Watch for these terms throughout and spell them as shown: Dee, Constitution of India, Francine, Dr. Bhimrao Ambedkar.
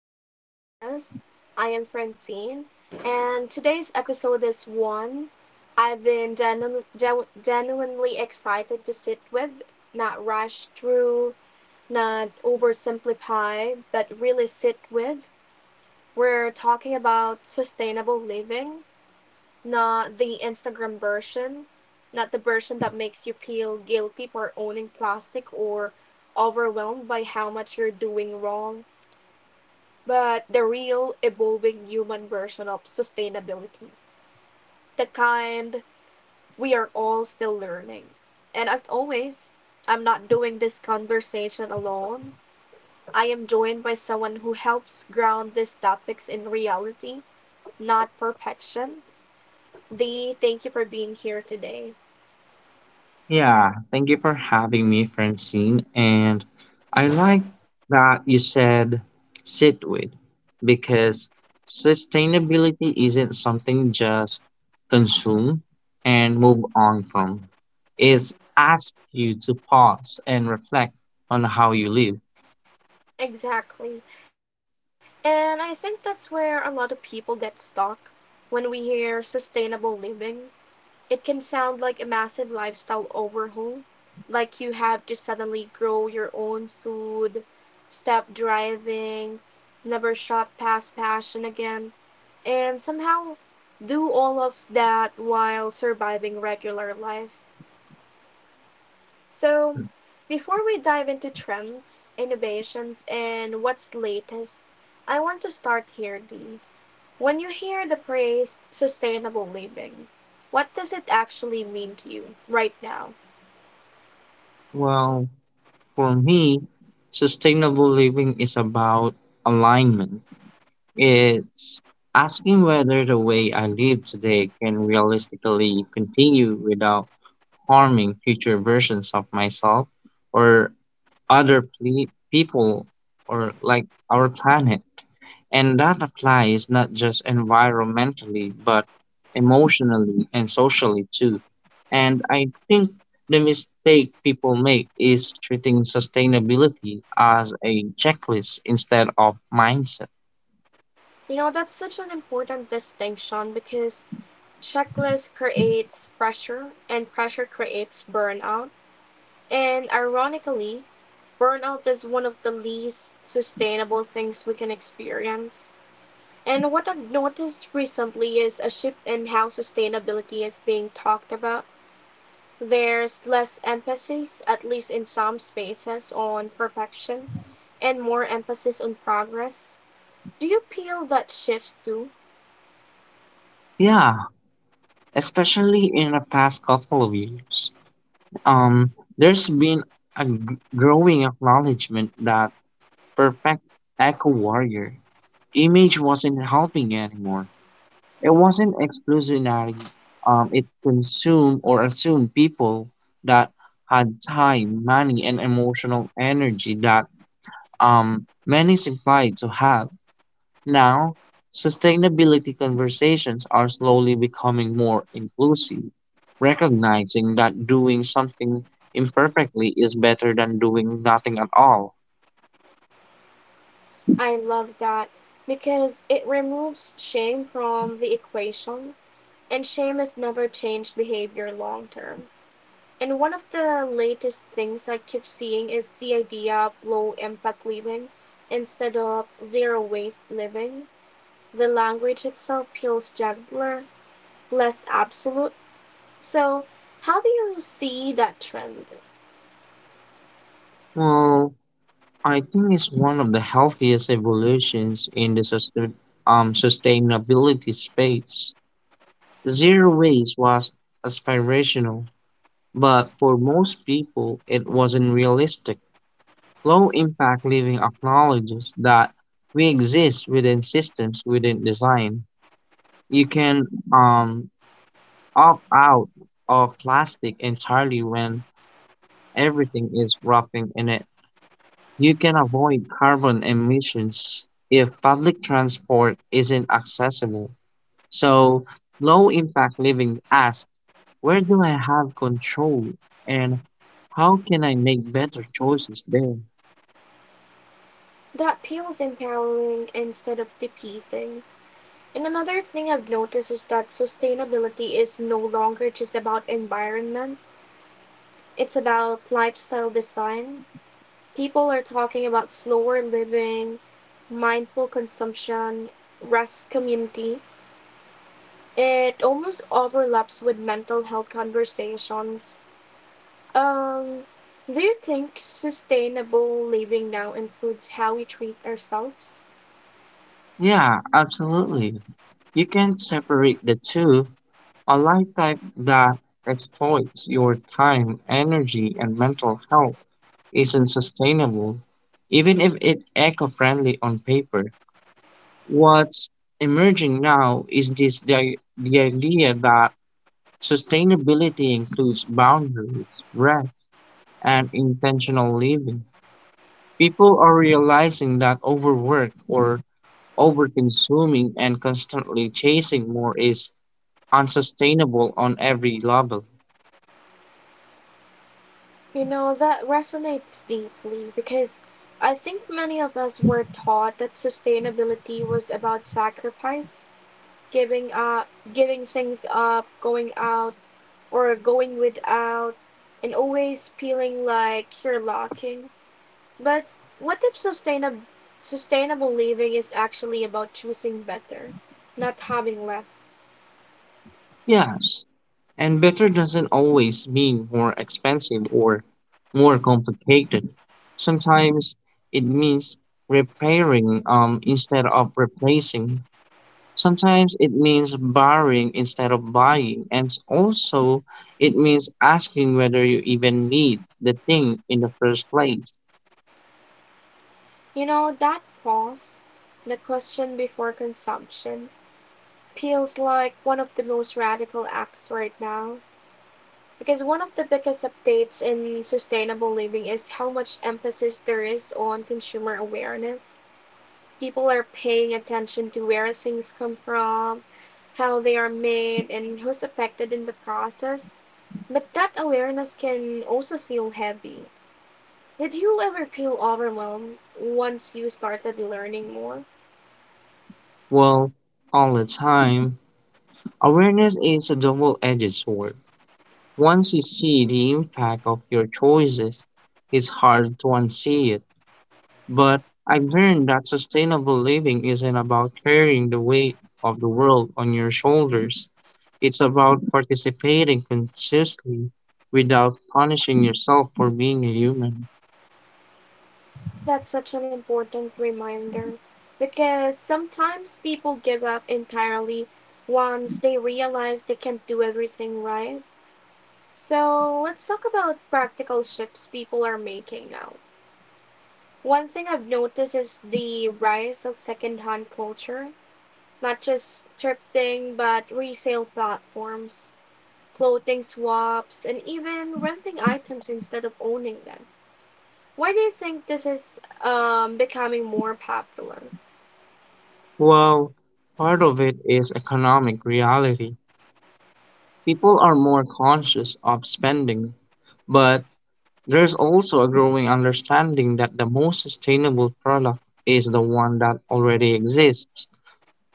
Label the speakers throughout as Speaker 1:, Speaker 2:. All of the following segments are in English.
Speaker 1: our podcast. I am Francine, and today's episode is one I've been genuinely excited to sit with, not rush through, not oversimplify, but really sit with. We're talking about sustainable living, not the Instagram version, not the version that makes you feel guilty for owning plastic or overwhelmed by how much you're doing wrong, but the real, evolving human version of sustainability. The kind we are all still learning. And as always, I'm not doing this conversation alone. I am joined by someone who helps ground these topics in reality, not perfection. Dee, thank you for being here today.
Speaker 2: Yeah, thank you for having me, Francine. And I like that you said sit with because sustainability isn't something just consume and move on from. It asks you to pause and reflect on how you live.
Speaker 1: Exactly. And I think that's where a lot of people get stuck when we hear sustainable living. It can sound like a massive lifestyle overhaul, like you have to suddenly grow your own food, stop driving, never shop past passion again, and somehow do all of that while surviving regular life. So, before we dive into trends, innovations, and what's latest, I want to start here, Dee. When you hear the phrase sustainable living, what does it actually mean to you right now?
Speaker 2: Well, for me, sustainable living is about alignment. It's asking whether the way I live today can realistically continue without harming future versions of myself or other people or like our planet. And that applies not just environmentally, but emotionally and socially too. And I think the mistake people make is treating sustainability as a checklist instead of mindset.
Speaker 1: You know, that's such an important distinction because checklist creates pressure and pressure creates burnout. And ironically, burnout is one of the least sustainable things we can experience. And what I've noticed recently is a shift in how sustainability is being talked about. There's less emphasis, at least in some spaces, on perfection and more emphasis on progress. Do you feel that shift too?
Speaker 2: Yeah, especially in the past couple of years. Um, there's been a growing acknowledgement that perfect echo warrior image wasn't helping anymore. It wasn't exclusionary. It consumed or assumed people that had time, money, and emotional energy that many is implied to have. Now, sustainability conversations are slowly becoming more inclusive, recognizing that doing something imperfectly is better than doing nothing at all.
Speaker 1: I love that because it removes shame from the equation, and shame has never changed behavior long term. And one of the latest things I keep seeing is the idea of low impact living instead of zero waste living. The language itself feels gentler, less absolute. So, how do you see that trend?
Speaker 2: Well, I think it's one of the healthiest evolutions in the sustainability space. Zero waste was aspirational, but for most people, it wasn't realistic. Low impact living acknowledges that we exist within systems within design. You can opt out of plastic entirely when everything is wrapping in it. You can avoid carbon emissions if public transport isn't accessible. So, low impact living asks where do I have control and how can I make better choices there?
Speaker 1: That feels empowering instead of depleting. And another thing I've noticed is that sustainability is no longer just about environment, it's about lifestyle design. People are talking about slower living, mindful consumption, rest community. It almost overlaps with mental health conversations. Um, do you think sustainable living now includes how we treat ourselves?
Speaker 2: Yeah, absolutely. You can separate the two. A life type that exploits your time, energy, and mental health isn't sustainable, even if it's eco friendly on paper. What's emerging now is the idea that sustainability includes boundaries, rest, and intentional living. People are realizing that overwork or overconsuming and constantly chasing more is unsustainable on every level.
Speaker 1: You know, that resonates deeply because I think many of us were taught that sustainability was about sacrifice, giving up, giving things up, going out or going without, and always feeling like you're lacking. But what if sustainable living is actually about choosing better, not having less?
Speaker 2: Yes, and better doesn't always mean more expensive or more complicated. Sometimes it means repairing instead of replacing. Sometimes it means borrowing instead of buying. And also, it means asking whether you even need the thing in the first place.
Speaker 1: You know, that pause, the question before consumption, feels like one of the most radical acts right now. Because one of the biggest updates in sustainable living is how much emphasis there is on consumer awareness. People are paying attention to where things come from, how they are made, and who's affected in the process. But that awareness can also feel heavy. Did you ever feel overwhelmed once you started learning more?
Speaker 2: Well, all the time, awareness is a double edged sword. Once you see the impact of your choices, it's hard to unsee it. But I've learned that sustainable living isn't about carrying the weight of the world on your shoulders. It's about participating consciously without punishing yourself for being a human.
Speaker 1: That's such an important reminder because sometimes people give up entirely once they realize they can't do everything right. So let's talk about practical shifts people are making now. One thing I've noticed is the rise of secondhand culture, not just thrifting, but resale platforms, clothing swaps, and even renting items instead of owning them. Why do you think this is becoming more popular?
Speaker 2: Well, part of it is economic reality. People are more conscious of spending, but there is also a growing understanding that the most sustainable product is the one that already exists.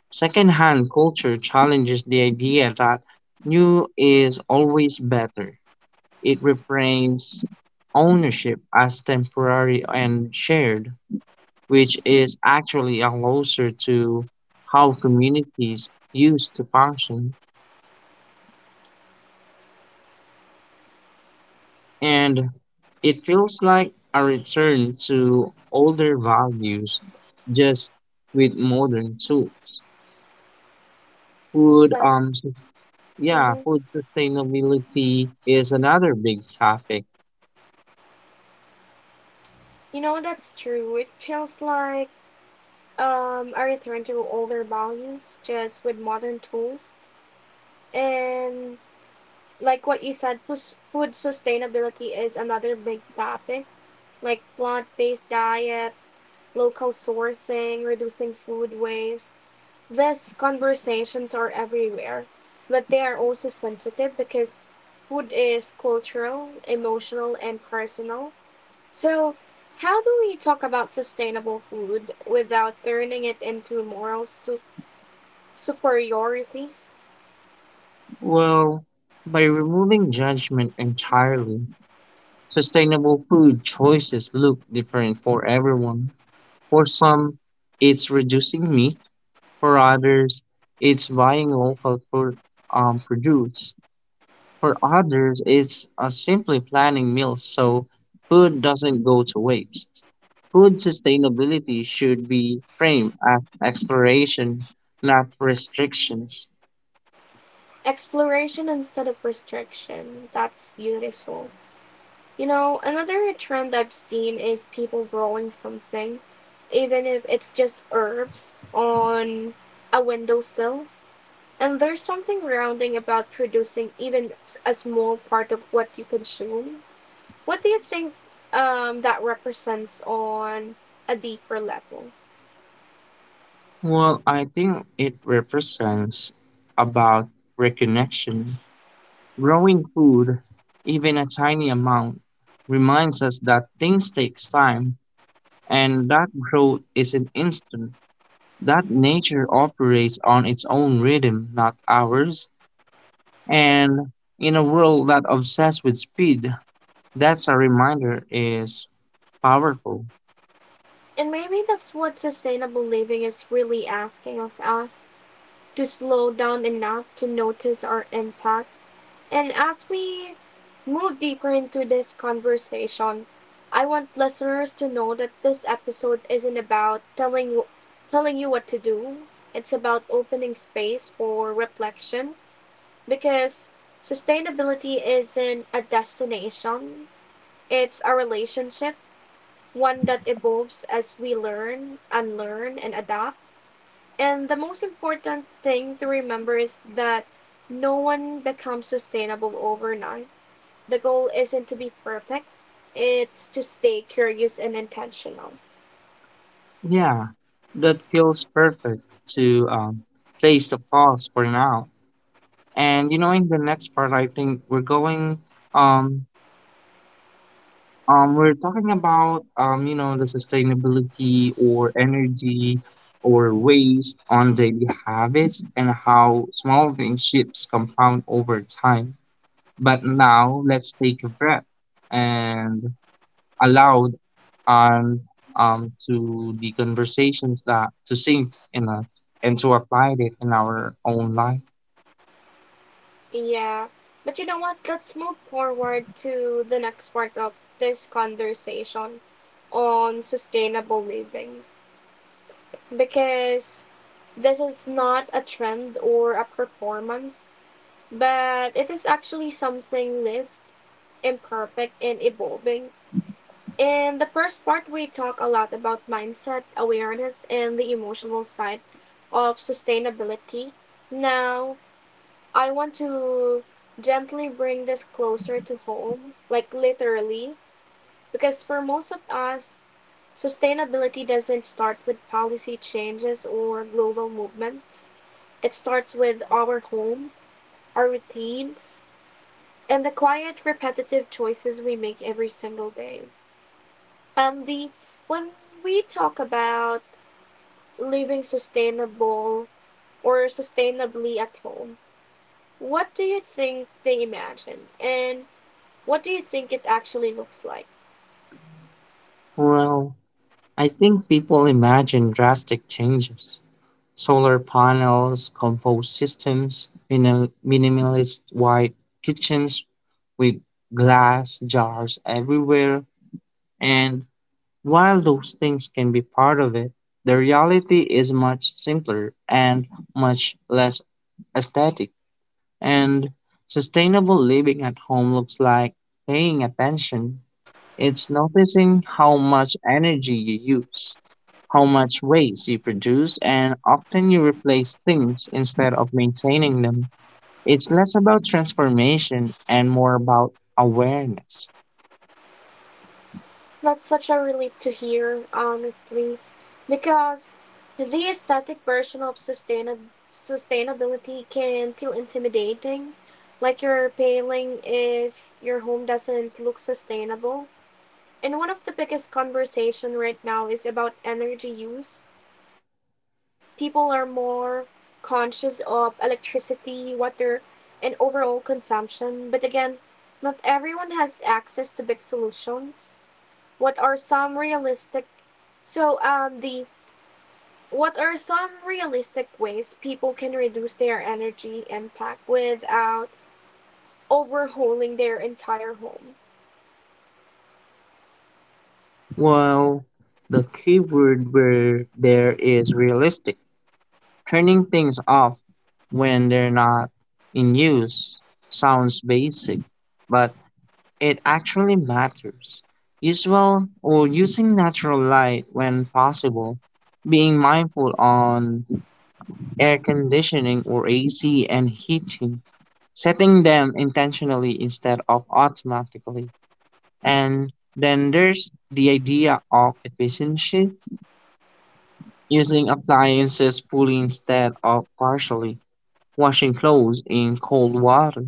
Speaker 2: Secondhand culture challenges the idea that new is always better. It reframes ownership as temporary and shared, which is actually a closer to how communities used to function. And it feels like a return to older values just with modern tools food
Speaker 1: That.
Speaker 2: um sus- yeah,
Speaker 1: Mm-hmm.
Speaker 2: food sustainability is another big topic.
Speaker 1: You know, that's true. It feels like a return to older values, just with modern tools. And like what you said, food sustainability is another big topic, like plant based diets, local sourcing, reducing food waste. These conversations are everywhere, but they are also sensitive because food is cultural, emotional, and personal. So, how do we talk about sustainable food without turning it into superiority?
Speaker 2: Well, by removing judgment entirely, sustainable food choices look different for everyone. For some, it's reducing meat. For others, it's buying local produce. For others, it's simply planning meals so food doesn't go to waste. Food sustainability should be framed as exploration, not restrictions.
Speaker 1: Exploration instead of restriction. That's beautiful. You know, another trend I've seen is people growing something, even if it's just herbs, on a windowsill. And there's something grounding about producing even a small part of what you consume. What do you think that represents on a deeper level?
Speaker 2: Well, I think it represents about reconnection. Growing food, even a tiny amount, reminds us that things takes time and that growth isn't instant. That nature operates on its own rhythm, not ours. And in a world that obsessed with speed, that's a reminder is powerful.
Speaker 1: And maybe that's what sustainable living is really asking of us, to slow down enough to notice our impact. And as we move deeper into this conversation, I want listeners to know that this episode isn't about telling you what to do. It's about opening space for reflection because sustainability isn't a destination. It's a relationship, one that evolves as we learn, unlearn, and adapt. And the most important thing to remember is that no one becomes sustainable overnight. The goal isn't to be perfect, it's to stay curious and intentional.
Speaker 2: Yeah, that feels perfect to place the pause for now. And you know, in the next part, I think um we're talking about the sustainability or energy or waste on daily habits and how small things shifts compound over time. But now let's take a breath and allowed and to the conversations that to sink in us and to apply it in our own life?
Speaker 1: Yeah. But you know what? Let's move forward to the next part of this conversation on sustainable living, because this is not a trend or a performance, but it is actually something lived, imperfect, and evolving. In the first part, we talk a lot about mindset, awareness, and the emotional side of sustainability. Now, I want to gently bring this closer to home, like literally, because for most of us, sustainability doesn't start with policy changes or global movements. It starts with our home, our routines, and the quiet, repetitive choices we make every single day. The when we talk about living sustainable or sustainably at home, what do you think they imagine, and what do you think it actually looks like?
Speaker 2: Well, I think people imagine drastic changes. Solar panels, compost systems, minimalist white kitchens with glass jars everywhere. And while those things can be part of it, the reality is much simpler and much less aesthetic. And sustainable living at home looks like paying attention. It's noticing how much energy you use, how much waste you produce, and often you replace things instead of maintaining them. It's less about transformation and more about awareness.
Speaker 1: That's such a relief to hear, honestly, because the aesthetic version of sustainability can feel intimidating, like you're failing if your home doesn't look sustainable. And one of the biggest conversation right now is about energy use. People are more conscious of electricity, water, and overall consumption, but again, not everyone has access to big solutions. What are some realistic so the what are some realistic ways people can reduce their energy impact without overhauling their entire home?
Speaker 2: Well, the key word where there is realistic. Turning things off when they're not in use sounds basic, but it actually matters. Use well or using natural light when possible, being mindful on air conditioning or AC and heating, setting them intentionally instead of automatically. And then there's the idea of efficiency, using appliances fully instead of partially, washing clothes in cold water,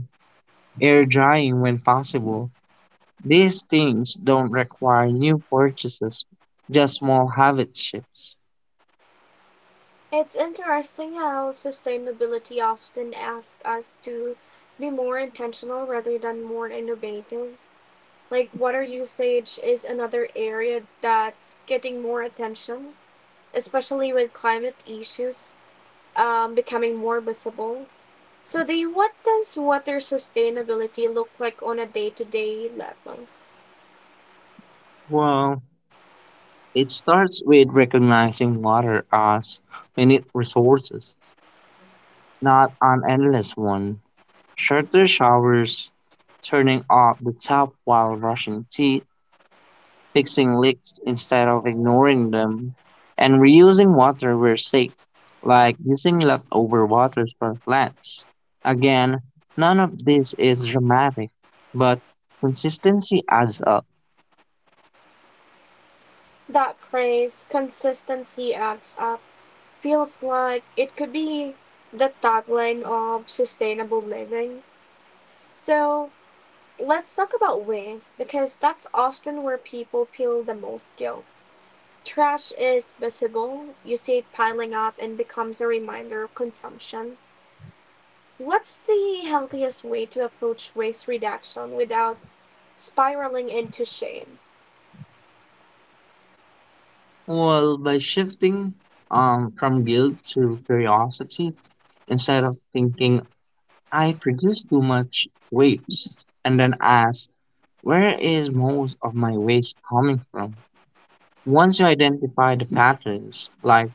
Speaker 2: air drying when possible. These things don't require new purchases, just small habit shifts.
Speaker 1: It's interesting how sustainability often asks us to be more intentional rather than more innovative. Like water usage is another area that's getting more attention, especially with climate issues becoming more visible. So then what does water sustainability look like on a day-to-day level?
Speaker 2: Well, it starts with recognizing water as finite resources, not an endless one. Shorter showers, turning off the tap while brushing teeth, fixing leaks instead of ignoring them, and reusing water where safe, like using leftover water for plants. Again, none of this is dramatic, but consistency adds up.
Speaker 1: That phrase consistency adds up feels like it could be the tagline of sustainable living. So let's talk about waste because that's often where people feel the most guilt. Trash is visible, you see it piling up and becomes a reminder of consumption. What's the healthiest way to approach waste reduction without spiraling into shame?
Speaker 2: Well, by shifting from guilt to curiosity, instead of thinking, I produce too much waste, and then ask, where is most of my waste coming from? Once you identify the patterns, like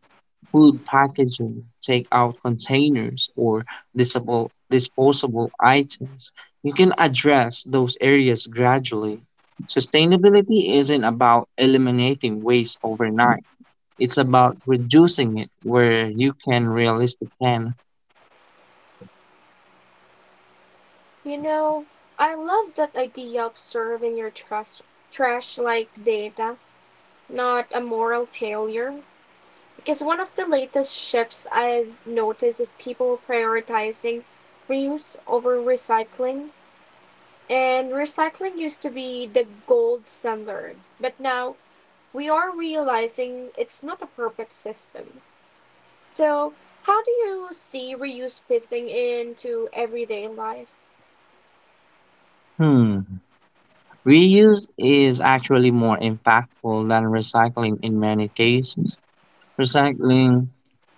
Speaker 2: food packaging, takeout containers, or disposable items, you can address those areas gradually. Sustainability isn't about eliminating waste overnight. It's about reducing it where you can realistically can.
Speaker 1: You know, I love that idea of serving your trash like data, not a moral failure. Because one of the latest shifts I've noticed is people prioritizing reuse over recycling. And recycling used to be the gold standard, but now we are realizing it's not a perfect system. So, how do you see reuse fitting into everyday life?
Speaker 2: Hmm. Reuse is actually more impactful than recycling in many cases. Recycling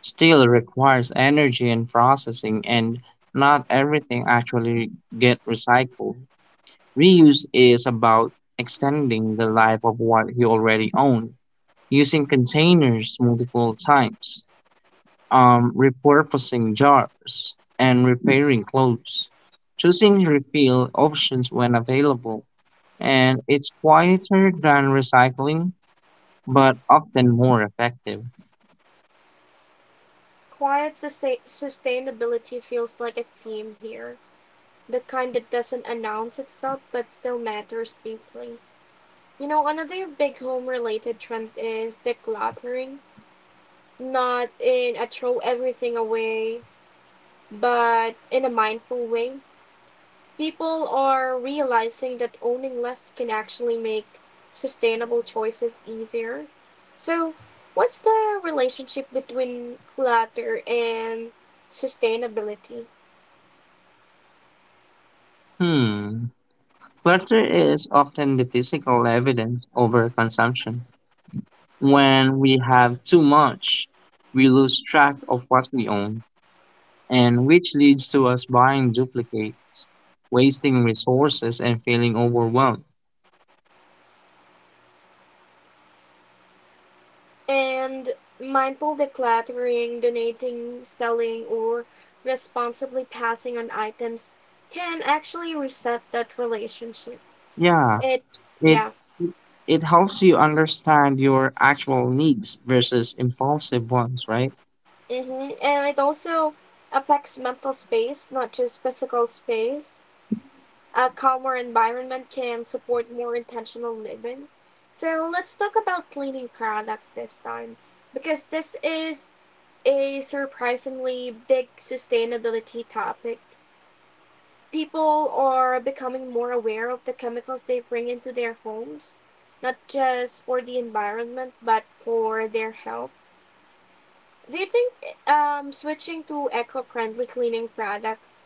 Speaker 2: still requires energy and processing, and not everything actually get recycled. Reuse is about extending the life of what you already own, using containers multiple times, repurposing jars, and repairing clothes, choosing refill options when available. And it's quieter than recycling, but often more effective.
Speaker 1: Quiet sustainability feels like a theme here. The kind that doesn't announce itself but still matters deeply. You know, another big home related trend is decluttering. Not in a throw everything away, but in a mindful way. People are realizing that owning less can actually make sustainable choices easier. So, what's the relationship between clutter and sustainability?
Speaker 2: Hmm. Clutter is often the physical evidence over consumption. When we have too much, we lose track of what we own, and which leads to us buying duplicates, wasting resources, and feeling overwhelmed.
Speaker 1: And mindful decluttering, donating, selling, or responsibly passing on items can actually reset that relationship.
Speaker 2: Yeah,
Speaker 1: It,
Speaker 2: it
Speaker 1: yeah,
Speaker 2: it helps you understand your actual needs versus impulsive ones, right?
Speaker 1: hmm, and it also affects mental space, not just physical space. A calmer environment can support more intentional living. So let's talk about cleaning products this time, because this is a surprisingly big sustainability topic. People are becoming more aware of the chemicals they bring into their homes, not just for the environment, but for their health. Do you think switching to eco friendly cleaning products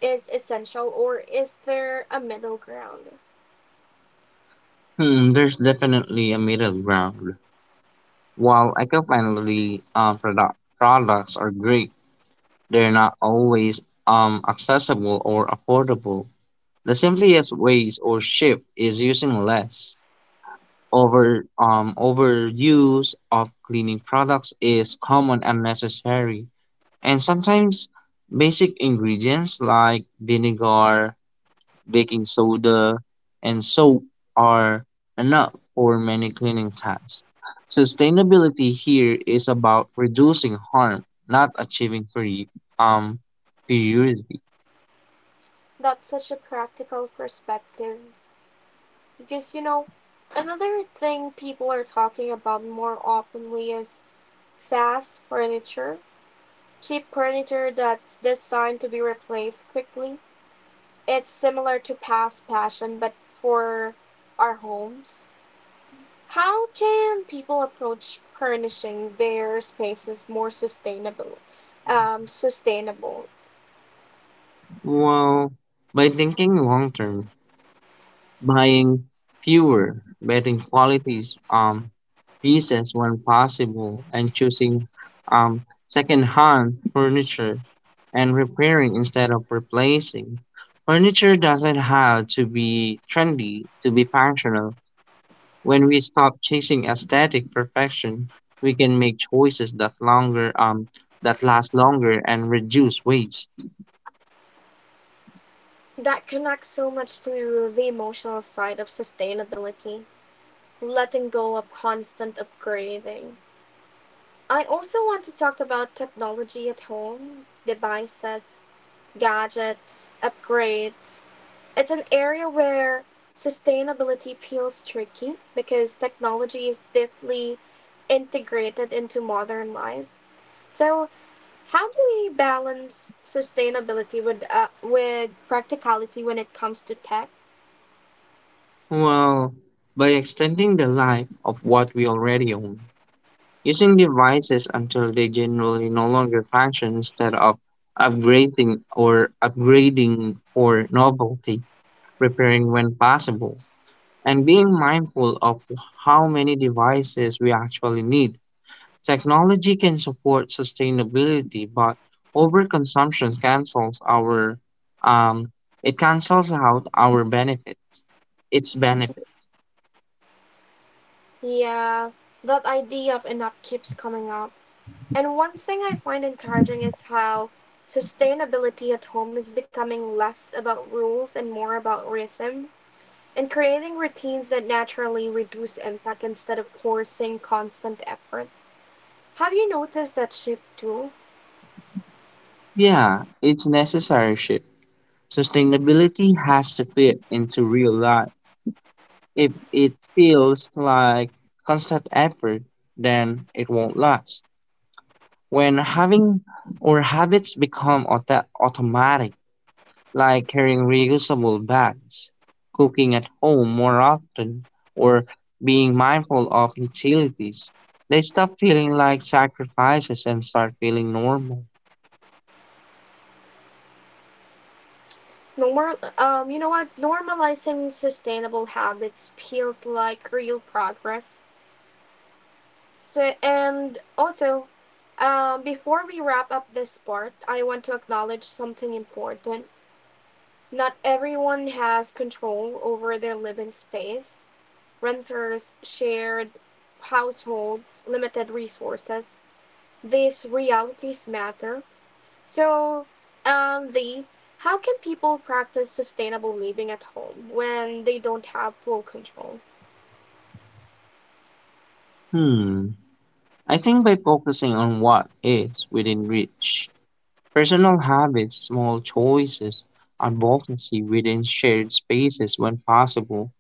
Speaker 1: is essential, or is there a middle ground?
Speaker 2: Hmm, there's definitely a middle ground. While eco-friendly products are great. They're not always accessible or affordable. The simplest ways or shift is using less. Overuse of cleaning products is common and necessary, and sometimes basic ingredients like vinegar, baking soda, and soap are enough for many cleaning tasks. Sustainability here is about reducing harm, not achieving um, purity.
Speaker 1: That's such a practical perspective because, you know, another thing people are talking about more openly is fast furniture, cheap furniture that's designed to be replaced quickly. It's similar to past passion, but for our homes. How can people approach furnishing their spaces more sustainable?
Speaker 2: Well, by thinking long term, buying fewer, betting qualities pieces when possible, and choosing second-hand furniture and repairing instead of replacing. Furniture doesn't have to be trendy to be functional. When we stop chasing aesthetic perfection, we can make choices that longer that last longer and reduce waste.
Speaker 1: That connects so much to the emotional side of sustainability, letting go of constant upgrading. I also want to talk about technology at home, devices, gadgets, upgrades. It's an area where sustainability feels tricky because technology is deeply integrated into modern life. So, how do we balance sustainability with practicality when it comes to tech?
Speaker 2: Well, by extending the life of what we already own, using devices until they generally no longer function instead of upgrading for novelty, repairing when possible, and being mindful of how many devices we actually need. Technology can support sustainability, but overconsumption cancels our um, it cancels out its benefits.
Speaker 1: Yeah, that idea of enough keeps coming up. And one thing I find encouraging is how sustainability at home is becoming less about rules and more about rhythm, and creating routines that naturally reduce impact instead of forcing constant effort. Have you noticed that shift too?
Speaker 2: Yeah, it's necessary shift. Sustainability has to fit into real life. If it feels like constant effort, then it won't last. When having or habits become automatic, like carrying reusable bags, cooking at home more often, or being mindful of utilities, they stop feeling like sacrifices and start feeling normal.
Speaker 1: You know what? Normalizing sustainable habits feels like real progress. So, and also, before we wrap up this part, I want to acknowledge something important. Not everyone has control over their living space. Renters, shared households, limited resources, these realities matter. So, the how can people practice sustainable living at home when they don't have full control?
Speaker 2: Hmm. I think by focusing on what is within reach, personal habits, small choices, advocacy within shared spaces when possible,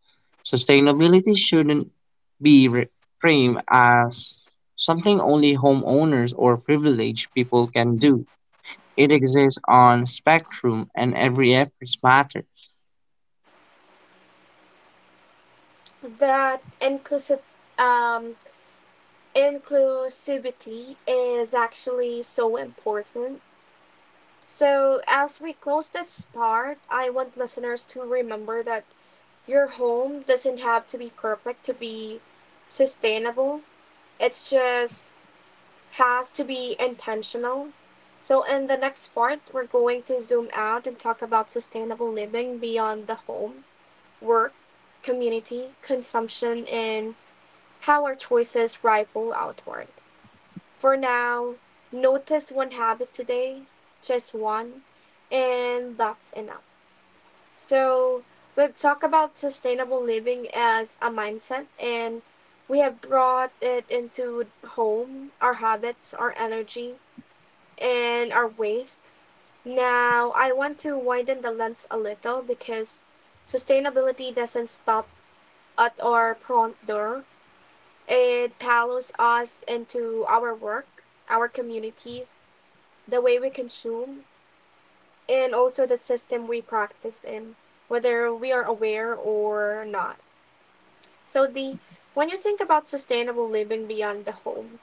Speaker 2: sustainability shouldn't be re- framed as something only homeowners or privileged people can do. It exists on spectrum and every effort matters.
Speaker 1: That inclusive um, inclusivity is actually so important. So, as we close this part, I want listeners to remember that your home doesn't have to be perfect to be sustainable. It's just has to be intentional. So, in the next part, we're going to zoom out and talk about sustainable living beyond the home, work, community, consumption, and how our choices ripple outward. For now, notice one habit today, just one, and that's enough. So, we've talked about sustainable living as a mindset, and we have brought it into home, our habits, our energy, and our waist. Now, I want to widen the lens a little because sustainability doesn't stop at our front door. It follows us into our work, our communities, the way we consume, and also the system we practice in, whether we are aware or not. So, the when you think about sustainable living beyond the home,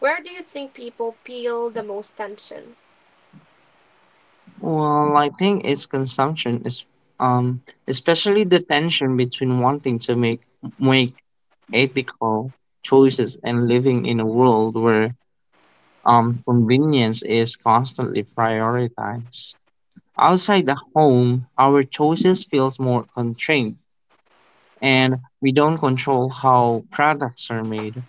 Speaker 1: where do you think people feel the most tension?
Speaker 2: Well, I think its consumption is um especially the tension between wanting to make ethical choices and living in a world where convenience is constantly prioritized. Outside the home, our choices feels more constrained and we don't control how products are made,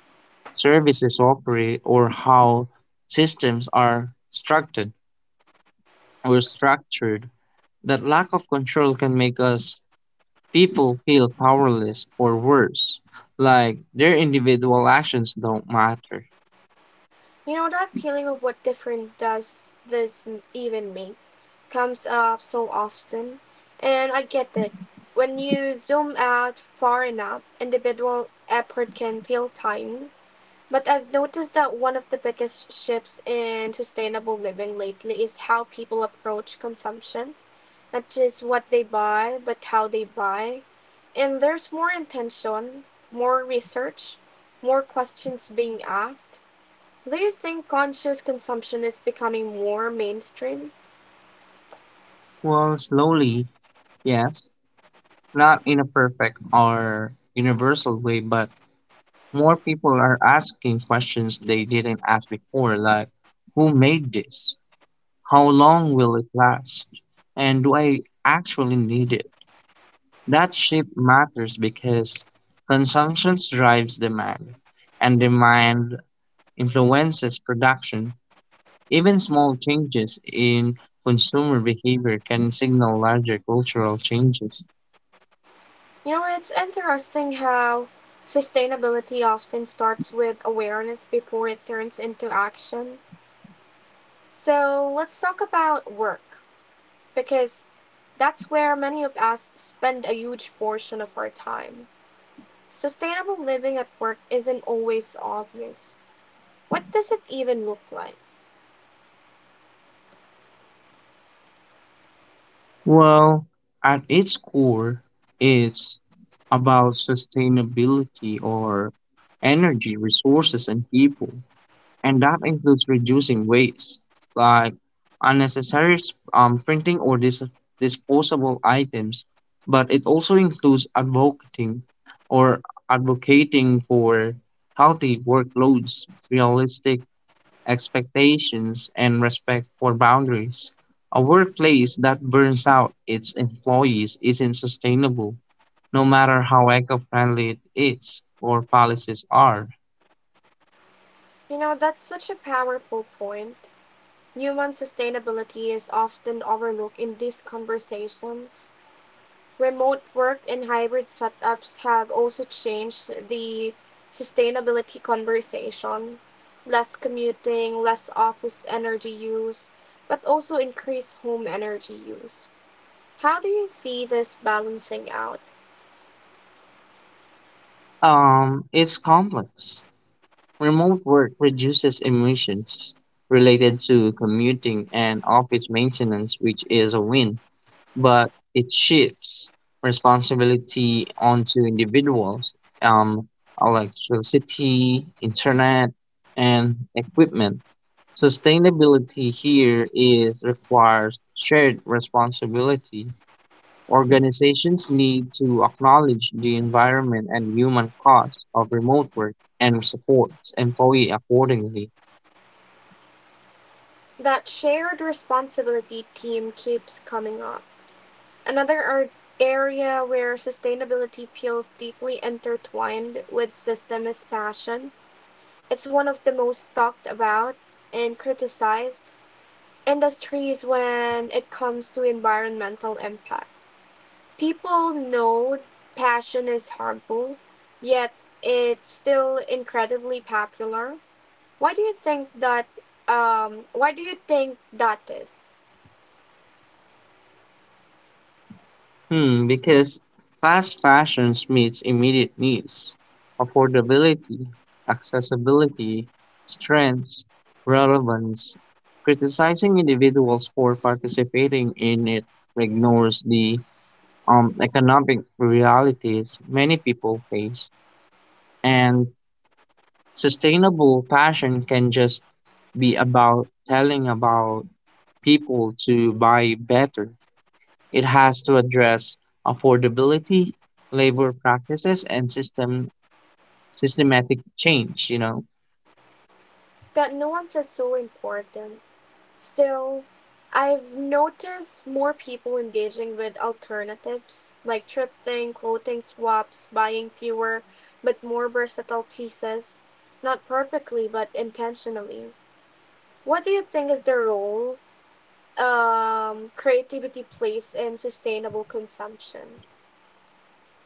Speaker 2: services operate, or how systems are structured. That lack of control can make us people feel powerless or worse, like their individual actions don't matter.
Speaker 1: You know that feeling of what different does this even make comes up so often, and I get it. When you zoom out far enough, individual effort can feel tiny. But I've noticed that one of the biggest shifts in sustainable living lately is how people approach consumption. Not just what they buy, but how they buy. And there's more intention, more research, more questions being asked. Do you think conscious consumption is becoming more mainstream?
Speaker 2: Well, slowly, yes. Not in a perfect or universal way, but more people are asking questions they didn't ask before, like who made this? How long will it last? And do I actually need it? That shift matters because consumption drives demand, and demand influences production. Even small changes in consumer behavior can signal larger cultural changes.
Speaker 1: You know, it's interesting how sustainability often starts with awareness before it turns into action. So let's talk about work, because that's where many of us spend a huge portion of our time. Sustainable living at work isn't always obvious. What does it even look like?
Speaker 2: Well, at its core, it's about sustainability or energy, resources, and people. And that includes reducing waste, like unnecessary printing or disposable items. But it also includes or advocating for healthy workloads, realistic expectations, and respect for boundaries. A workplace that burns out its employees isn't sustainable, no matter how eco friendly it is or policies are.
Speaker 1: You know, that's such a powerful point. Human sustainability is often overlooked in these conversations. Remote work and hybrid setups have also changed the sustainability conversation. Less commuting, less office energy use, but also increased home energy use. How do you see this balancing out?
Speaker 2: It's complex. Remote work reduces emissions related to commuting and office maintenance, which is a win. But it shifts responsibility onto individuals. Um, Electricity, internet, and equipment. Sustainability here is requires shared responsibility. Organizations need to acknowledge the environment and human costs of remote work and support employee accordingly.
Speaker 1: That shared responsibility team keeps coming up. Another ar- area where sustainability feels deeply intertwined with system is fashion. It's one of the most talked about and criticized industries when it comes to environmental impact. People know fashion is harmful, yet it's still incredibly popular. Why do you think that why do you think that is?
Speaker 2: Hmm, because fast fashion meets immediate needs, affordability, accessibility, strengths, relevance. Criticizing individuals for participating in it ignores the economic realities many people face. And sustainable fashion can just be about telling about people to buy better. It has to address affordability, labor practices, and systematic change.
Speaker 1: That nuance is so important. Still, I've noticed more people engaging with alternatives like thrifting, clothing swaps, buying fewer but more versatile pieces, not perfectly but intentionally. What do you think is the role creativity plays in sustainable consumption?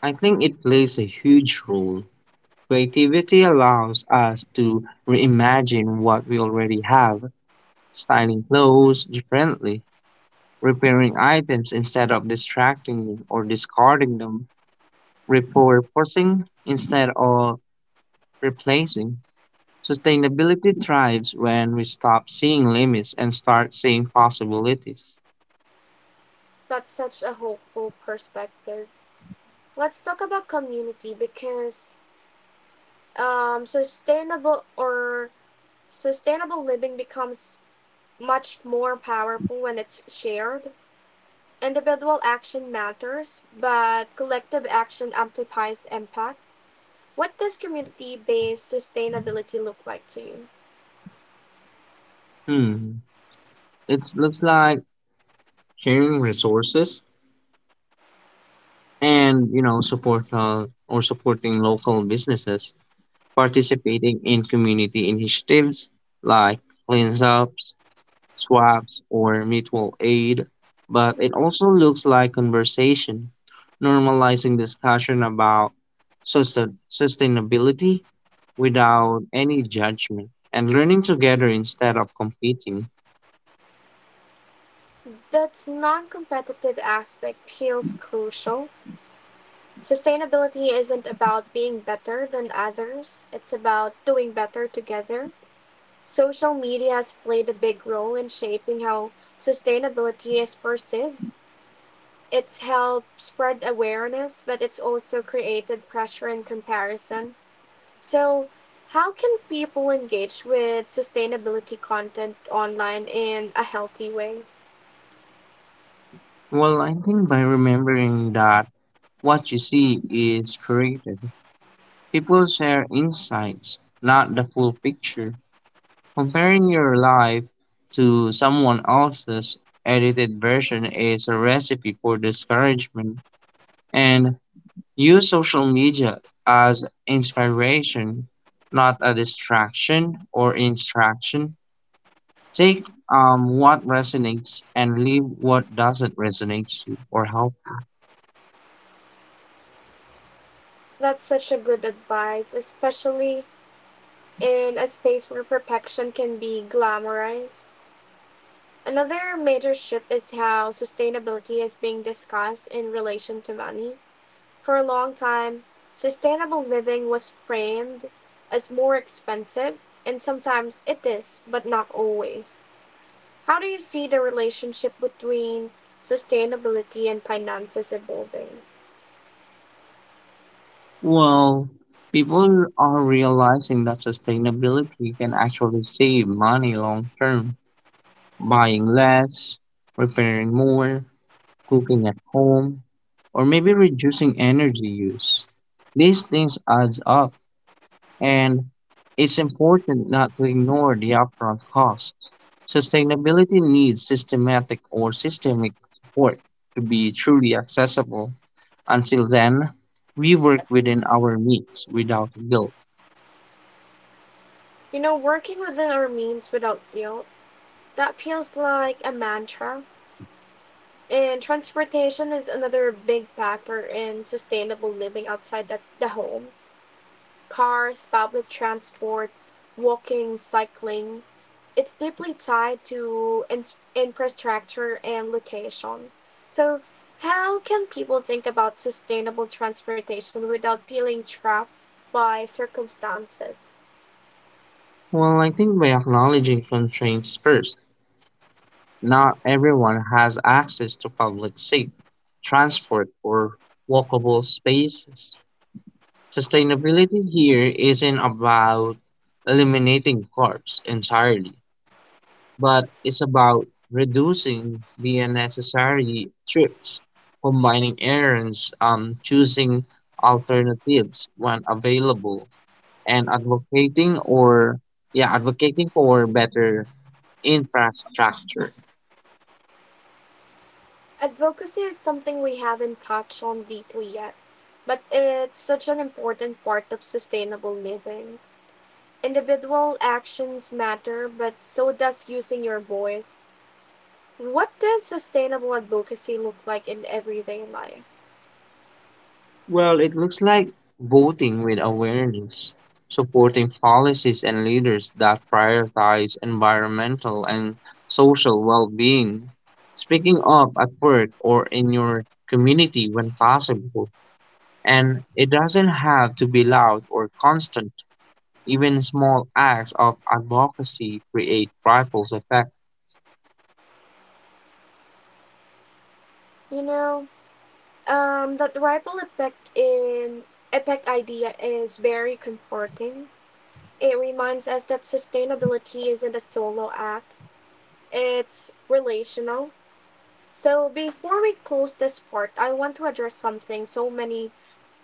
Speaker 2: I think it plays a huge role. Creativity allows us to reimagine what we already have, styling clothes differently, repairing items instead of distracting them or discarding them, repurposing instead of replacing. Sustainability thrives when we stop seeing limits and start seeing possibilities.
Speaker 1: That's such a hopeful perspective. Let's talk about community because um, sustainable or sustainable living becomes much more powerful when it's shared. Individual action matters, but collective action amplifies impact. What does community based sustainability look like to you?
Speaker 2: Hmm. It looks like sharing resources and support or supporting local businesses, participating in community initiatives like cleanups, swaps, or mutual aid. But it also looks like conversation, normalizing discussion about sustainability without any judgment and learning together instead of competing.
Speaker 1: That non competitive aspect feels crucial. Sustainability isn't about being better than others, it's about doing better together. Social media has played a big role in shaping how sustainability is perceived. It's helped spread awareness, but it's also created pressure and comparison. So, how can people engage with sustainability content online in a healthy way?
Speaker 2: Well, I think by remembering that what you see is curated. People share insights, not the full picture. Comparing your life to someone else's edited version is a recipe for discouragement. And use social media as inspiration, not a distraction or instruction. Take what resonates and leave what doesn't resonate you or help.
Speaker 1: That's such a good advice, especially in a space where perfection can be glamorized. Another major shift is how sustainability is being discussed in relation to money. For a long time, sustainable living was framed as more expensive, and sometimes it is, but not always. How do you see the relationship between sustainability and finances evolving?
Speaker 2: Well, people are realizing that sustainability can actually save money long term, buying less, repairing more, cooking at home, or maybe reducing energy use. These things adds up, and it's important not to ignore the upfront cost. Sustainability needs systematic or systemic support to be truly accessible. Until then, we work within our means without guilt.
Speaker 1: You know, working within our means without guilt, that feels like a mantra. And transportation is another big factor in sustainable living outside the home. Cars, public transport, walking, cycling. It's deeply tied to infrastructure and location. So, how can people think about sustainable transportation without feeling trapped by circumstances?
Speaker 2: Well, I think by acknowledging constraints first, not everyone has access to public safe transport or walkable spaces. Sustainability here isn't about eliminating cars entirely, but it's about reducing the unnecessary trips, combining errands, choosing alternatives when available, and advocating for better infrastructure.
Speaker 1: Advocacy is something we haven't touched on deeply yet, but it's such an important part of sustainable living. Individual actions matter, but so does using your voice. What does sustainable advocacy look like in everyday life?
Speaker 2: Well, it looks like voting with awareness, supporting policies and leaders that prioritize environmental and social well being, speaking up at work or in your community when possible. And it doesn't have to be loud or constant. Even small acts of advocacy create ripples effect.
Speaker 1: You know, that ripple effect in effect idea is very comforting. It reminds us that sustainability isn't a solo act; it's relational. So before we close this part, I want to address something so many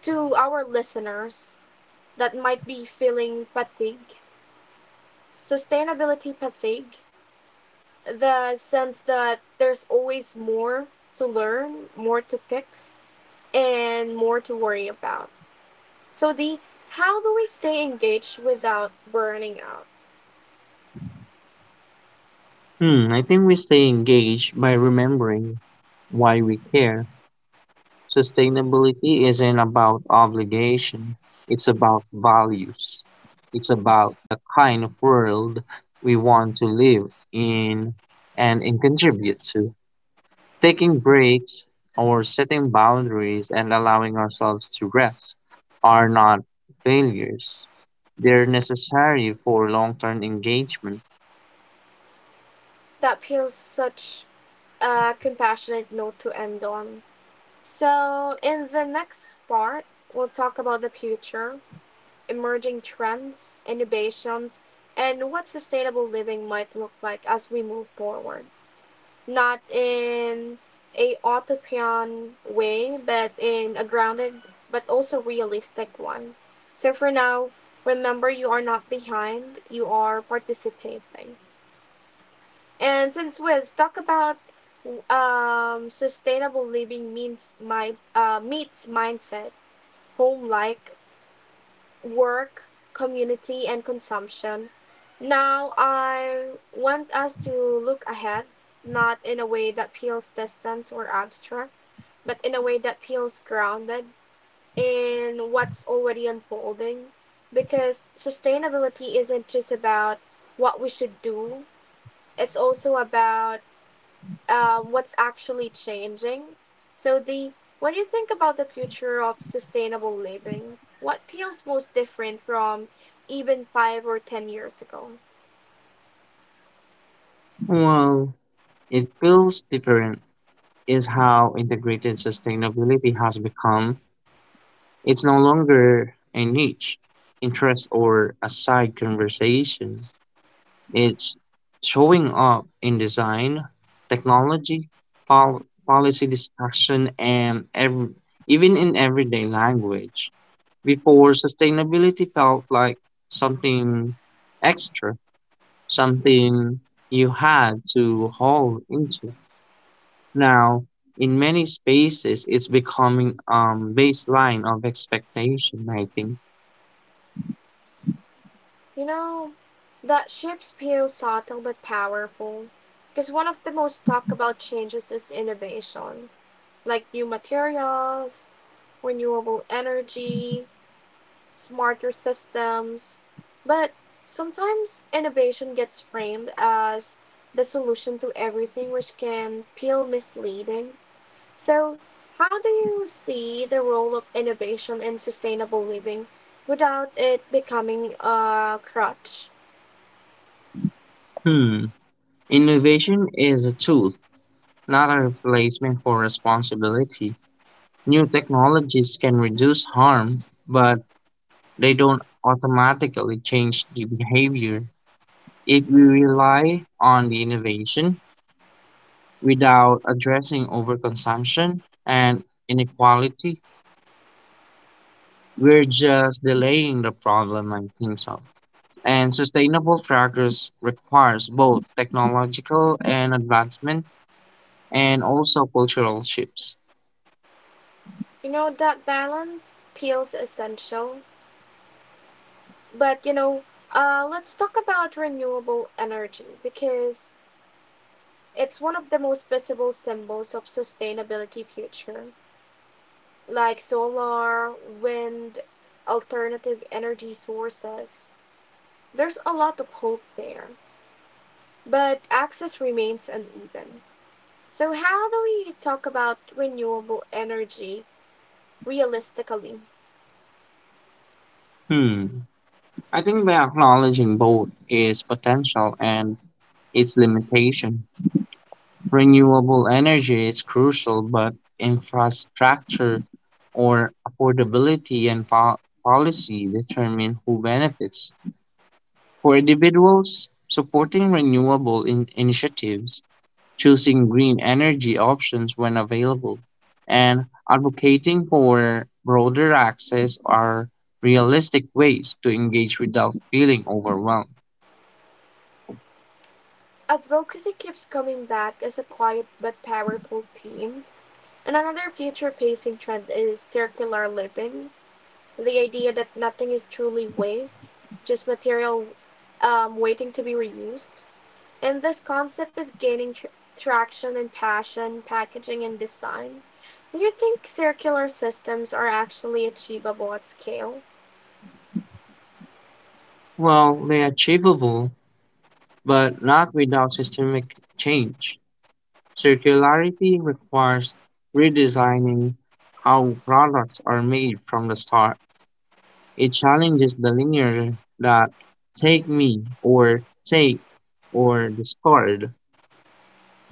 Speaker 1: to our listeners that might be feeling fatigue, sustainability fatigue, the sense that there's always more to learn, more to fix, and more to worry about. So the how do we stay engaged without burning out?
Speaker 2: Hmm, I think we stay engaged by remembering why we care. Sustainability isn't about obligation, it's about values. It's about the kind of world we want to live in and contribute to. Taking breaks or setting boundaries and allowing ourselves to rest are not failures. They're necessary for long term engagement.
Speaker 1: That feels such a compassionate note to end on. So in the next part, we'll talk about the future, emerging trends, innovations, and what sustainable living might look like as we move forward. Not in a utopian way, but in a grounded but also realistic one. So for now, remember you are not behind, you are participating. And since we've talked about sustainable living means my meets mindset, home like work, community, and consumption. Now, I want us to look ahead, not in a way that feels distant or abstract, but in a way that feels grounded in what's already unfolding. Because sustainability isn't just about what we should do, it's also about what's actually changing. So the when you think about the future of sustainable living, what feels most different from even 5 or 10 years ago?
Speaker 2: Well, it feels different is how integrated sustainability has become. It's no longer a niche, interest, or a side conversation. It's showing up in design, technology, policy discussion, and even in everyday language. Before, sustainability felt like something extra, something you had to haul into. Now, in many spaces, it's becoming baseline of expectation, I think.
Speaker 1: You know, that shift feels subtle but powerful because one of the most talked about changes is innovation, like new materials, renewable energy, smarter systems. But sometimes innovation gets framed as the solution to everything, which can feel misleading. So, how do you see the role of innovation in sustainable living without it becoming a crutch?
Speaker 2: Hmm. Innovation is a tool, not a replacement for responsibility. New technologies can reduce harm, but they don't automatically change the behavior. If we rely on the innovation without addressing overconsumption and inequality, we're just delaying the problem, I think so. And sustainable progress requires both technological and advancement and also cultural shifts.
Speaker 1: You know, that balance feels essential. But, let's talk about renewable energy because it's one of the most visible symbols of sustainability future. Like solar, wind, alternative energy sources. There's a lot of hope there, but access remains uneven. So, how do we talk about renewable energy realistically?
Speaker 2: Hmm. I think by acknowledging both its potential and its limitation, renewable energy is crucial, but infrastructure or affordability and policy determine who benefits. For individuals, supporting renewable initiatives, choosing green energy options when available, and advocating for broader access are realistic ways to engage without feeling overwhelmed.
Speaker 1: Advocacy keeps coming back as a quiet but powerful theme. And another future pacing trend is circular living, the idea that nothing is truly waste, just material waiting to be reused. And this concept is gaining traction in passion, packaging, and design. Do you think circular systems are actually achievable at scale?
Speaker 2: Well, they're achievable, but not without systemic change. Circularity requires redesigning how products are made from the start. It challenges the linear that take me or take or discard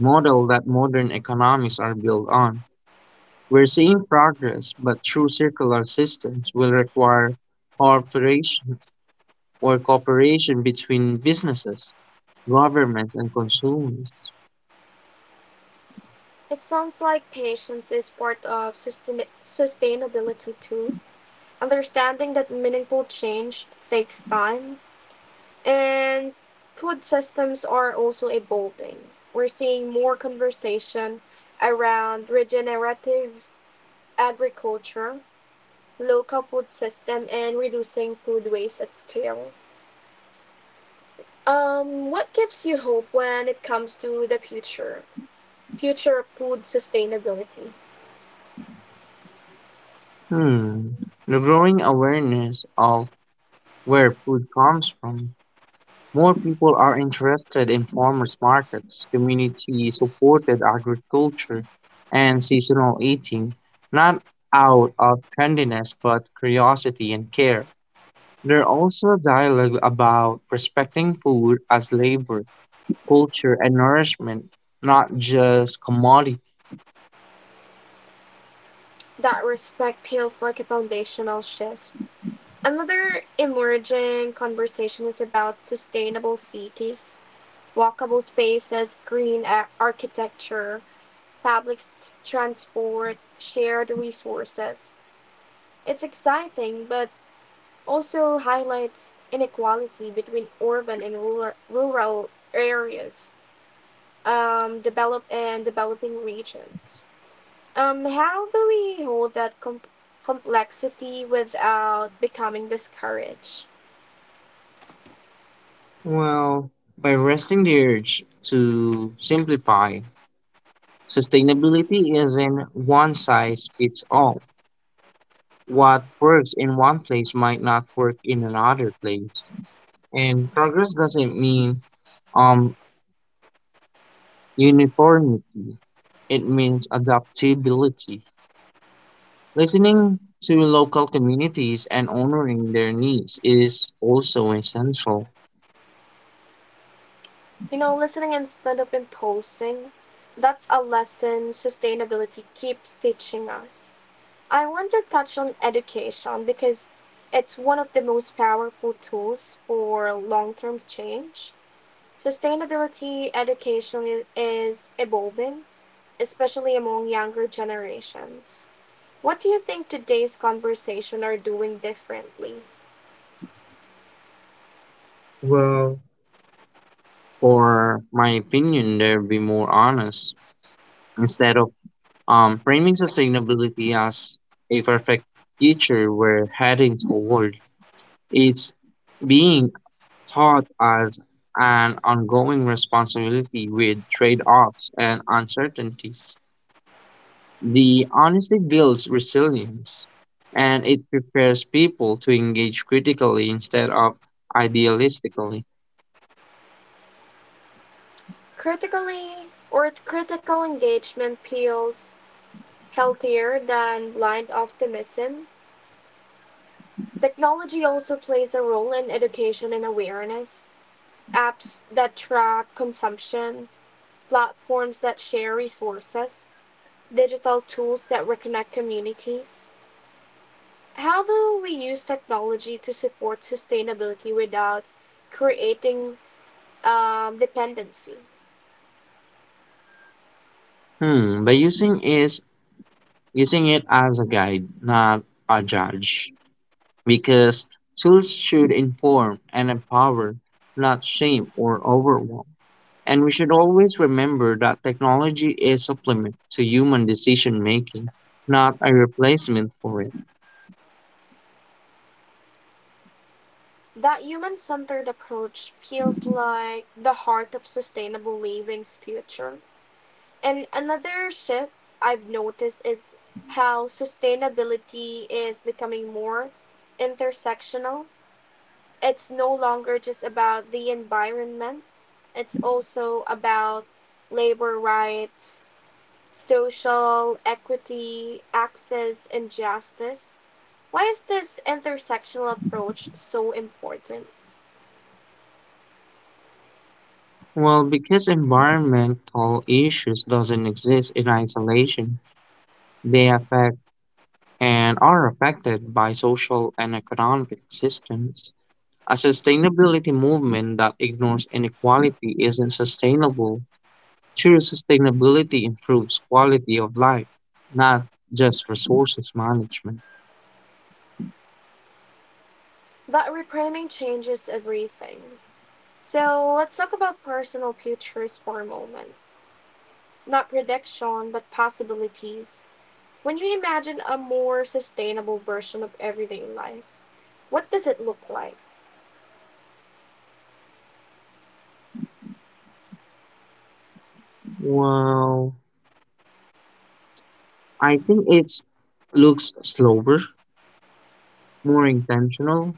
Speaker 2: model that modern economies are built on. We're seeing progress, but true circular systems will require cooperation or cooperation between businesses, governments, and consumers.
Speaker 1: It sounds like patience is part of sustainability too. Understanding that meaningful change takes time. And food systems are also evolving. We're seeing more conversation around regenerative agriculture, local food system and reducing food waste at scale. What gives you hope when it comes to the future? Future of food sustainability.
Speaker 2: Hmm. The growing awareness of where food comes from. More people are interested in farmers markets, community supported agriculture, and seasonal eating, not out of trendiness but curiosity and care. There are also dialogue about respecting food as labor, culture, and nourishment, not just commodity.
Speaker 1: That respect feels like a foundational shift. Another emerging conversation is about sustainable cities, walkable spaces, architecture, public s- transport, shared resources. It's exciting, but also highlights inequality between urban and rural areas, develop and developing regions. How do we hold that complexity without becoming discouraged?
Speaker 2: Well, by resting the urge to simplify, sustainability isn't one size fits all. What works in one place might not work in another place. And progress doesn't mean um uniformity. It means adaptability. Listening to local communities and honoring their needs is also essential.
Speaker 1: You know, listening instead of imposing, that's a lesson sustainability keeps teaching us. I want to touch on education because it's one of the most powerful tools for long term change. Sustainability education is evolving, especially among younger generations. What do you think today's conversation are doing differently?
Speaker 2: Well, for my opinion, there be more honest instead of framing sustainability as a perfect future we're heading toward. It's being taught as an ongoing responsibility with trade-offs and uncertainties. The honesty builds resilience and it prepares people to engage critically instead of idealistically.
Speaker 1: Critically or critical engagement feels healthier than blind optimism. Technology also plays a role in education and awareness. Apps that track consumption, platforms that share resources, digital tools that reconnect communities. How do we use technology to support sustainability without creating dependency?
Speaker 2: Hmm, by using it as a guide, not a judge. Because tools should inform and empower, not shame or overwhelm. And we should always remember that technology is a supplement to human decision making, not a replacement for it.
Speaker 1: That human centered approach feels like the heart of sustainable living's future. And another shift I've noticed is how sustainability is becoming more intersectional. It's no longer just about the environment, it's also about labor rights, social equity, access, and justice. Why is this intersectional approach so important?
Speaker 2: Well, because environmental issues doesn't exist in isolation, they affect and are affected by social and economic systems. A sustainability movement that ignores inequality isn't sustainable. True sustainability improves quality of life, not just resources management.
Speaker 1: That reframing changes everything. So let's talk about personal futures for a moment. Not prediction, but possibilities. When you imagine a more sustainable version of everyday life, what does it look like?
Speaker 2: Well, I think it's looks slower, more intentional,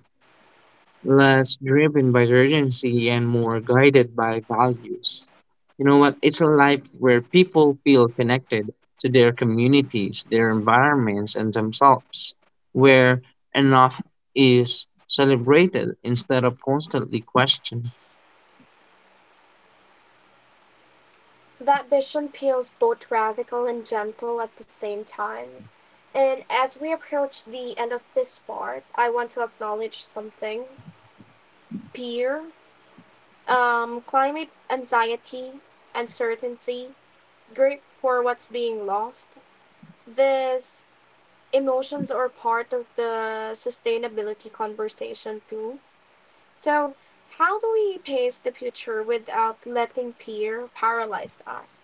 Speaker 2: less driven by urgency and more guided by values. You know what? It's a life where people feel connected to their communities, their environments, and themselves, where enough is celebrated instead of constantly questioned.
Speaker 1: That vision feels both radical and gentle at the same time. And as we approach the end of this part, I want to acknowledge something fear, climate anxiety, uncertainty, grief for what's being lost. These emotions are part of the sustainability conversation, too. So, how do we pace the future without letting fear paralyze us?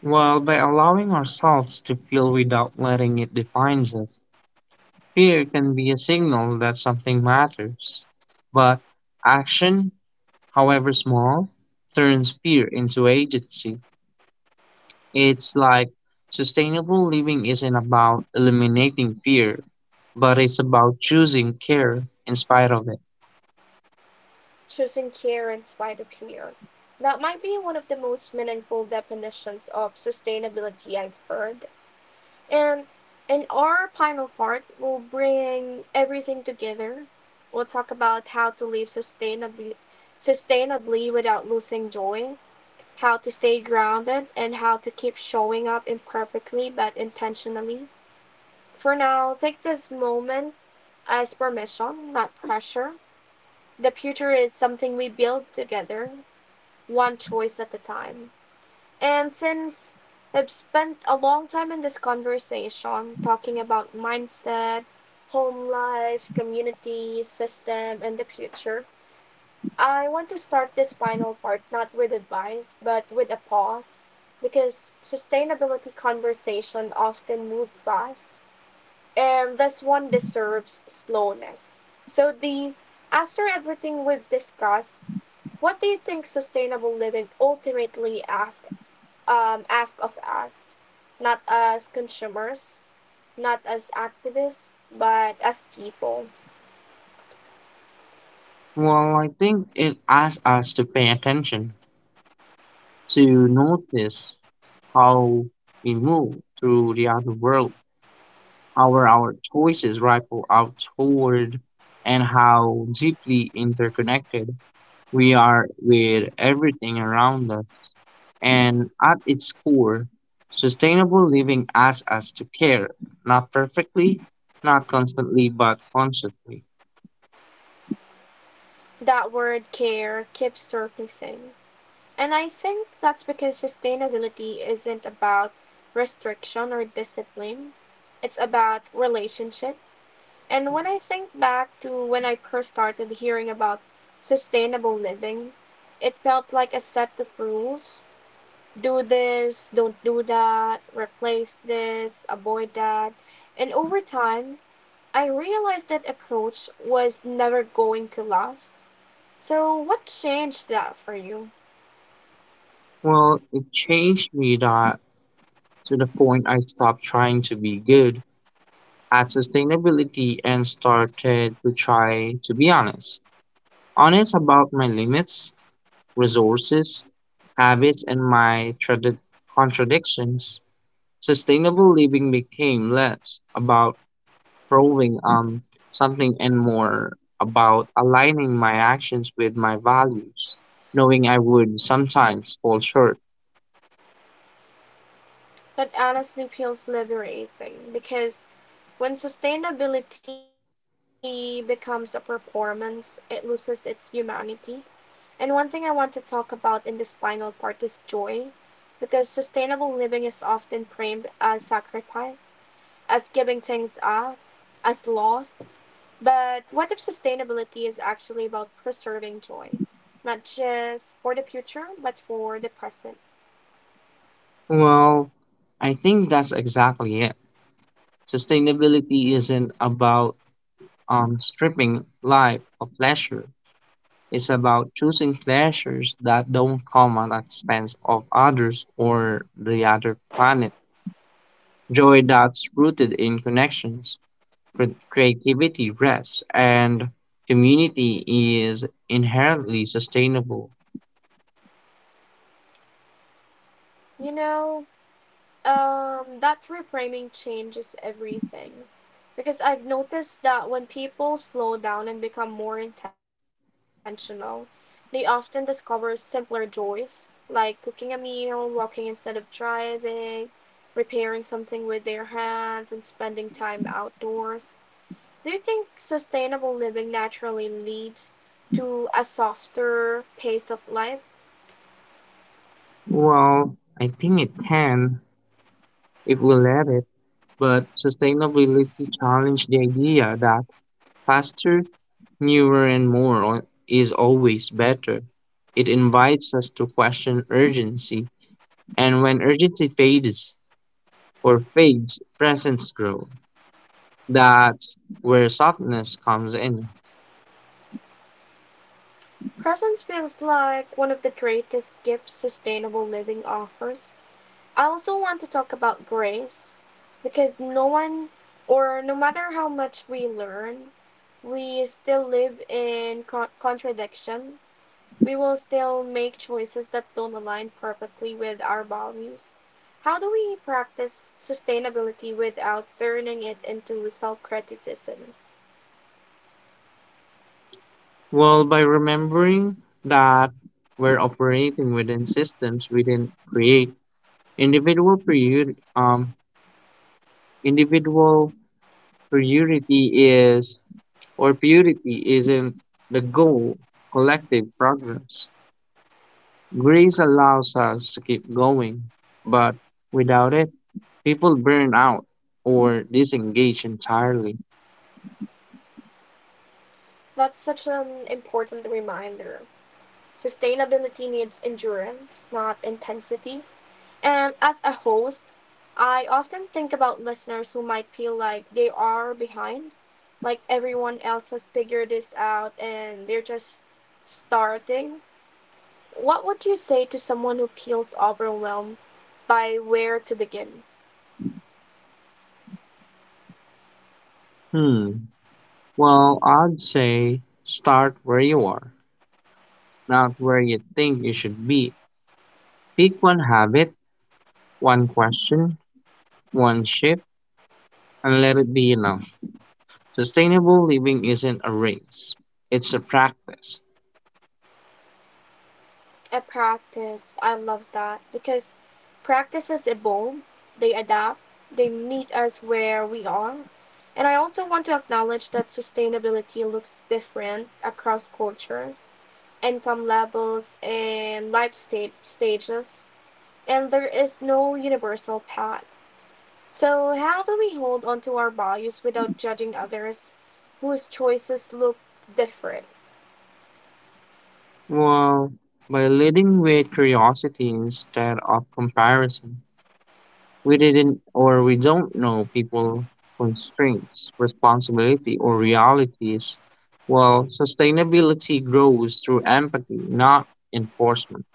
Speaker 2: While by allowing ourselves to feel without letting it define us, fear can be a signal that something matters. But action, however small, turns fear into agency. It's like sustainable living isn't about eliminating fear, but it's about choosing care in spite of it.
Speaker 1: Choosing care in spite of fear. That might be one of the most meaningful definitions of sustainability I've heard. And in our final part, we'll bring everything together. We'll talk about how to live sustainably without losing joy, how to stay grounded, and how to keep showing up imperfectly but intentionally. For now, take this moment as permission, not pressure. The future is something we build together, one choice at a time. And since I've spent a long time in this conversation talking about mindset, home life, community, system, and the future, I want to start this final part not with advice, but with a pause because sustainability conversation often move fast and this one deserves slowness. So the after everything we've discussed, what do you think sustainable living ultimately ask of us? Not as consumers, not as activists, but as people.
Speaker 2: Well, I think it asks us to pay attention, to notice how we move through the outer world, how our choices ripple out toward, and how deeply interconnected we are with everything around us. And at its core, sustainable living asks us to care, not perfectly, not constantly, but consciously.
Speaker 1: That word care keeps surfacing. And I think that's because sustainability isn't about restriction or discipline, it's about relationship. And when I think back to when I first started hearing about sustainable living, it felt like a set of rules: do this, don't do that, replace this, avoid that. And over time, I realized that approach was never going to last. So, what changed that for you?
Speaker 2: Well, it changed me that to the point I stopped trying to be good at sustainability and started to try to be honest. Honest about my limits, resources, habits, and my contradictions. Sustainable living became less about proving something and more about aligning my actions with my values, knowing I would sometimes fall short.
Speaker 1: That honestly feels liberating because when sustainability becomes a performance, it loses its humanity. And one thing I want to talk about in this final part is joy, because sustainable living is often framed as sacrifice, as giving things up, as loss. But what if sustainability is actually about preserving joy, not just for the future, but for the present?
Speaker 2: Well, I think that's exactly it. Sustainability isn't about stripping life of pleasure. It's about choosing pleasures that don't come at the expense of others or the other planet. Joy that's rooted in connections, creativity, rests, and community is inherently sustainable.
Speaker 1: You know, that reframing changes everything. Because I've noticed that when people slow down and become more intentional, they often discover simpler joys, like cooking a meal, walking instead of driving, repairing something with their hands, and spending time outdoors. Do you think sustainable living naturally leads to a softer pace of life?
Speaker 2: Well, I think it can if we let it, but sustainability challenges the idea that faster, newer, and is always better. It invites us to question urgency, and when urgency fades or fades, presence grows. That's where softness comes in.
Speaker 1: Presence feels like one of the greatest gifts sustainable living offers. I also want to talk about grace because no one, or no matter how much we learn, we still live in contradiction. We will still make choices that don't align perfectly with our values. How do we practice sustainability without turning it into self criticism?
Speaker 2: Well, by remembering that we're operating within systems we didn't create, individual priority, um, individual priority is or purity isn't the goal. Collective progress. Grace allows us to keep going, but without it, people burn out or disengage entirely.
Speaker 1: That's such an important reminder. Sustainability needs endurance, not intensity. And as a host, I often think about listeners who might feel like they are behind, like everyone else has figured this out and they're just starting. What would you say to someone who feels overwhelmed by where to begin?
Speaker 2: Hmm. Well, I'd say start where you are, not where you think you should be. Pick one habit, one question, one shift, and let it be enough. Sustainable living isn't a race, it's a practice.
Speaker 1: A practice. I love that because practices evolve, they adapt, they meet us where we are. And I also want to acknowledge that sustainability looks different across cultures, income levels, and stages. And there is no universal path. So, how do we hold on to our values without judging others whose choices look different?
Speaker 2: Well, by leading with curiosity instead of comparison, we didn't or we don't know people constraints, responsibility, or realities. Well, sustainability grows through empathy, not enforcement.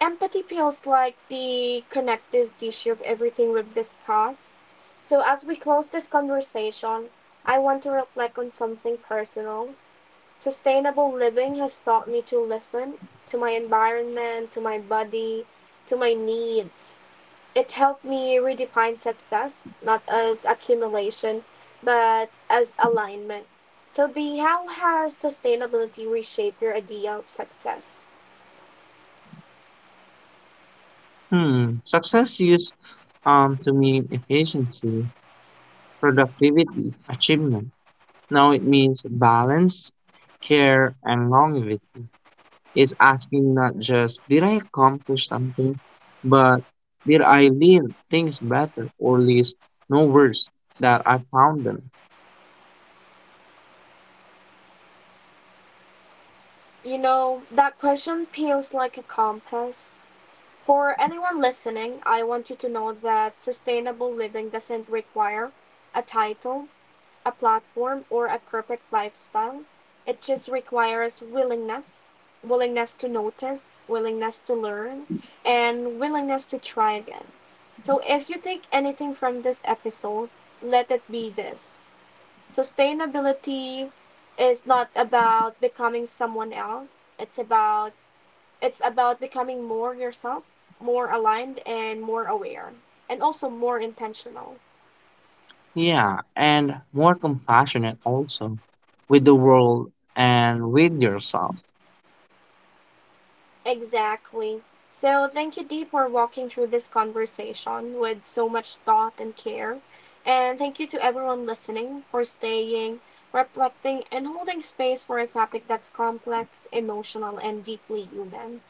Speaker 1: Empathy feels like the connective tissue of everything we've discussed. So, as we close this conversation, I want to reflect on something personal. Sustainable living has taught me to listen to my environment, to my body, to my needs. It helped me redefine success, not as accumulation, but as alignment. So, the how has sustainability reshaped your idea of success?
Speaker 2: Hmm, success used to mean efficiency, productivity, achievement. Now it means balance, care, and longevity. It's asking not just, did I accomplish something, but did I leave things better or least no worse that I found them?
Speaker 1: You know, that question peels like a compass. For anyone listening, I want you to know that sustainable living doesn't require a title, a platform, or a perfect lifestyle. It just requires willingness, willingness to notice, willingness to learn, and willingness to try again. So if you take anything from this episode, let it be this. Sustainability is not about becoming someone else. It's about becoming more yourself, more aligned and more aware and also more intentional.
Speaker 2: Yeah, and more compassionate also with the world and with yourself.
Speaker 1: Exactly. So thank you Dee for walking through this conversation with so much thought and care. And thank you to everyone listening for staying, reflecting and holding space for a topic that's complex, emotional and deeply human.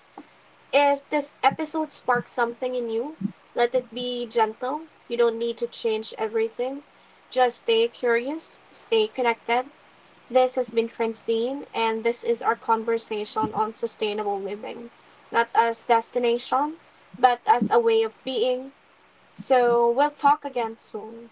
Speaker 1: If this episode sparks something in you, let it be gentle. You don't need to change everything. Just stay curious, stay connected. This has been Francine, and this is our conversation on sustainable living, not as destination, but as a way of being. So we'll talk again soon.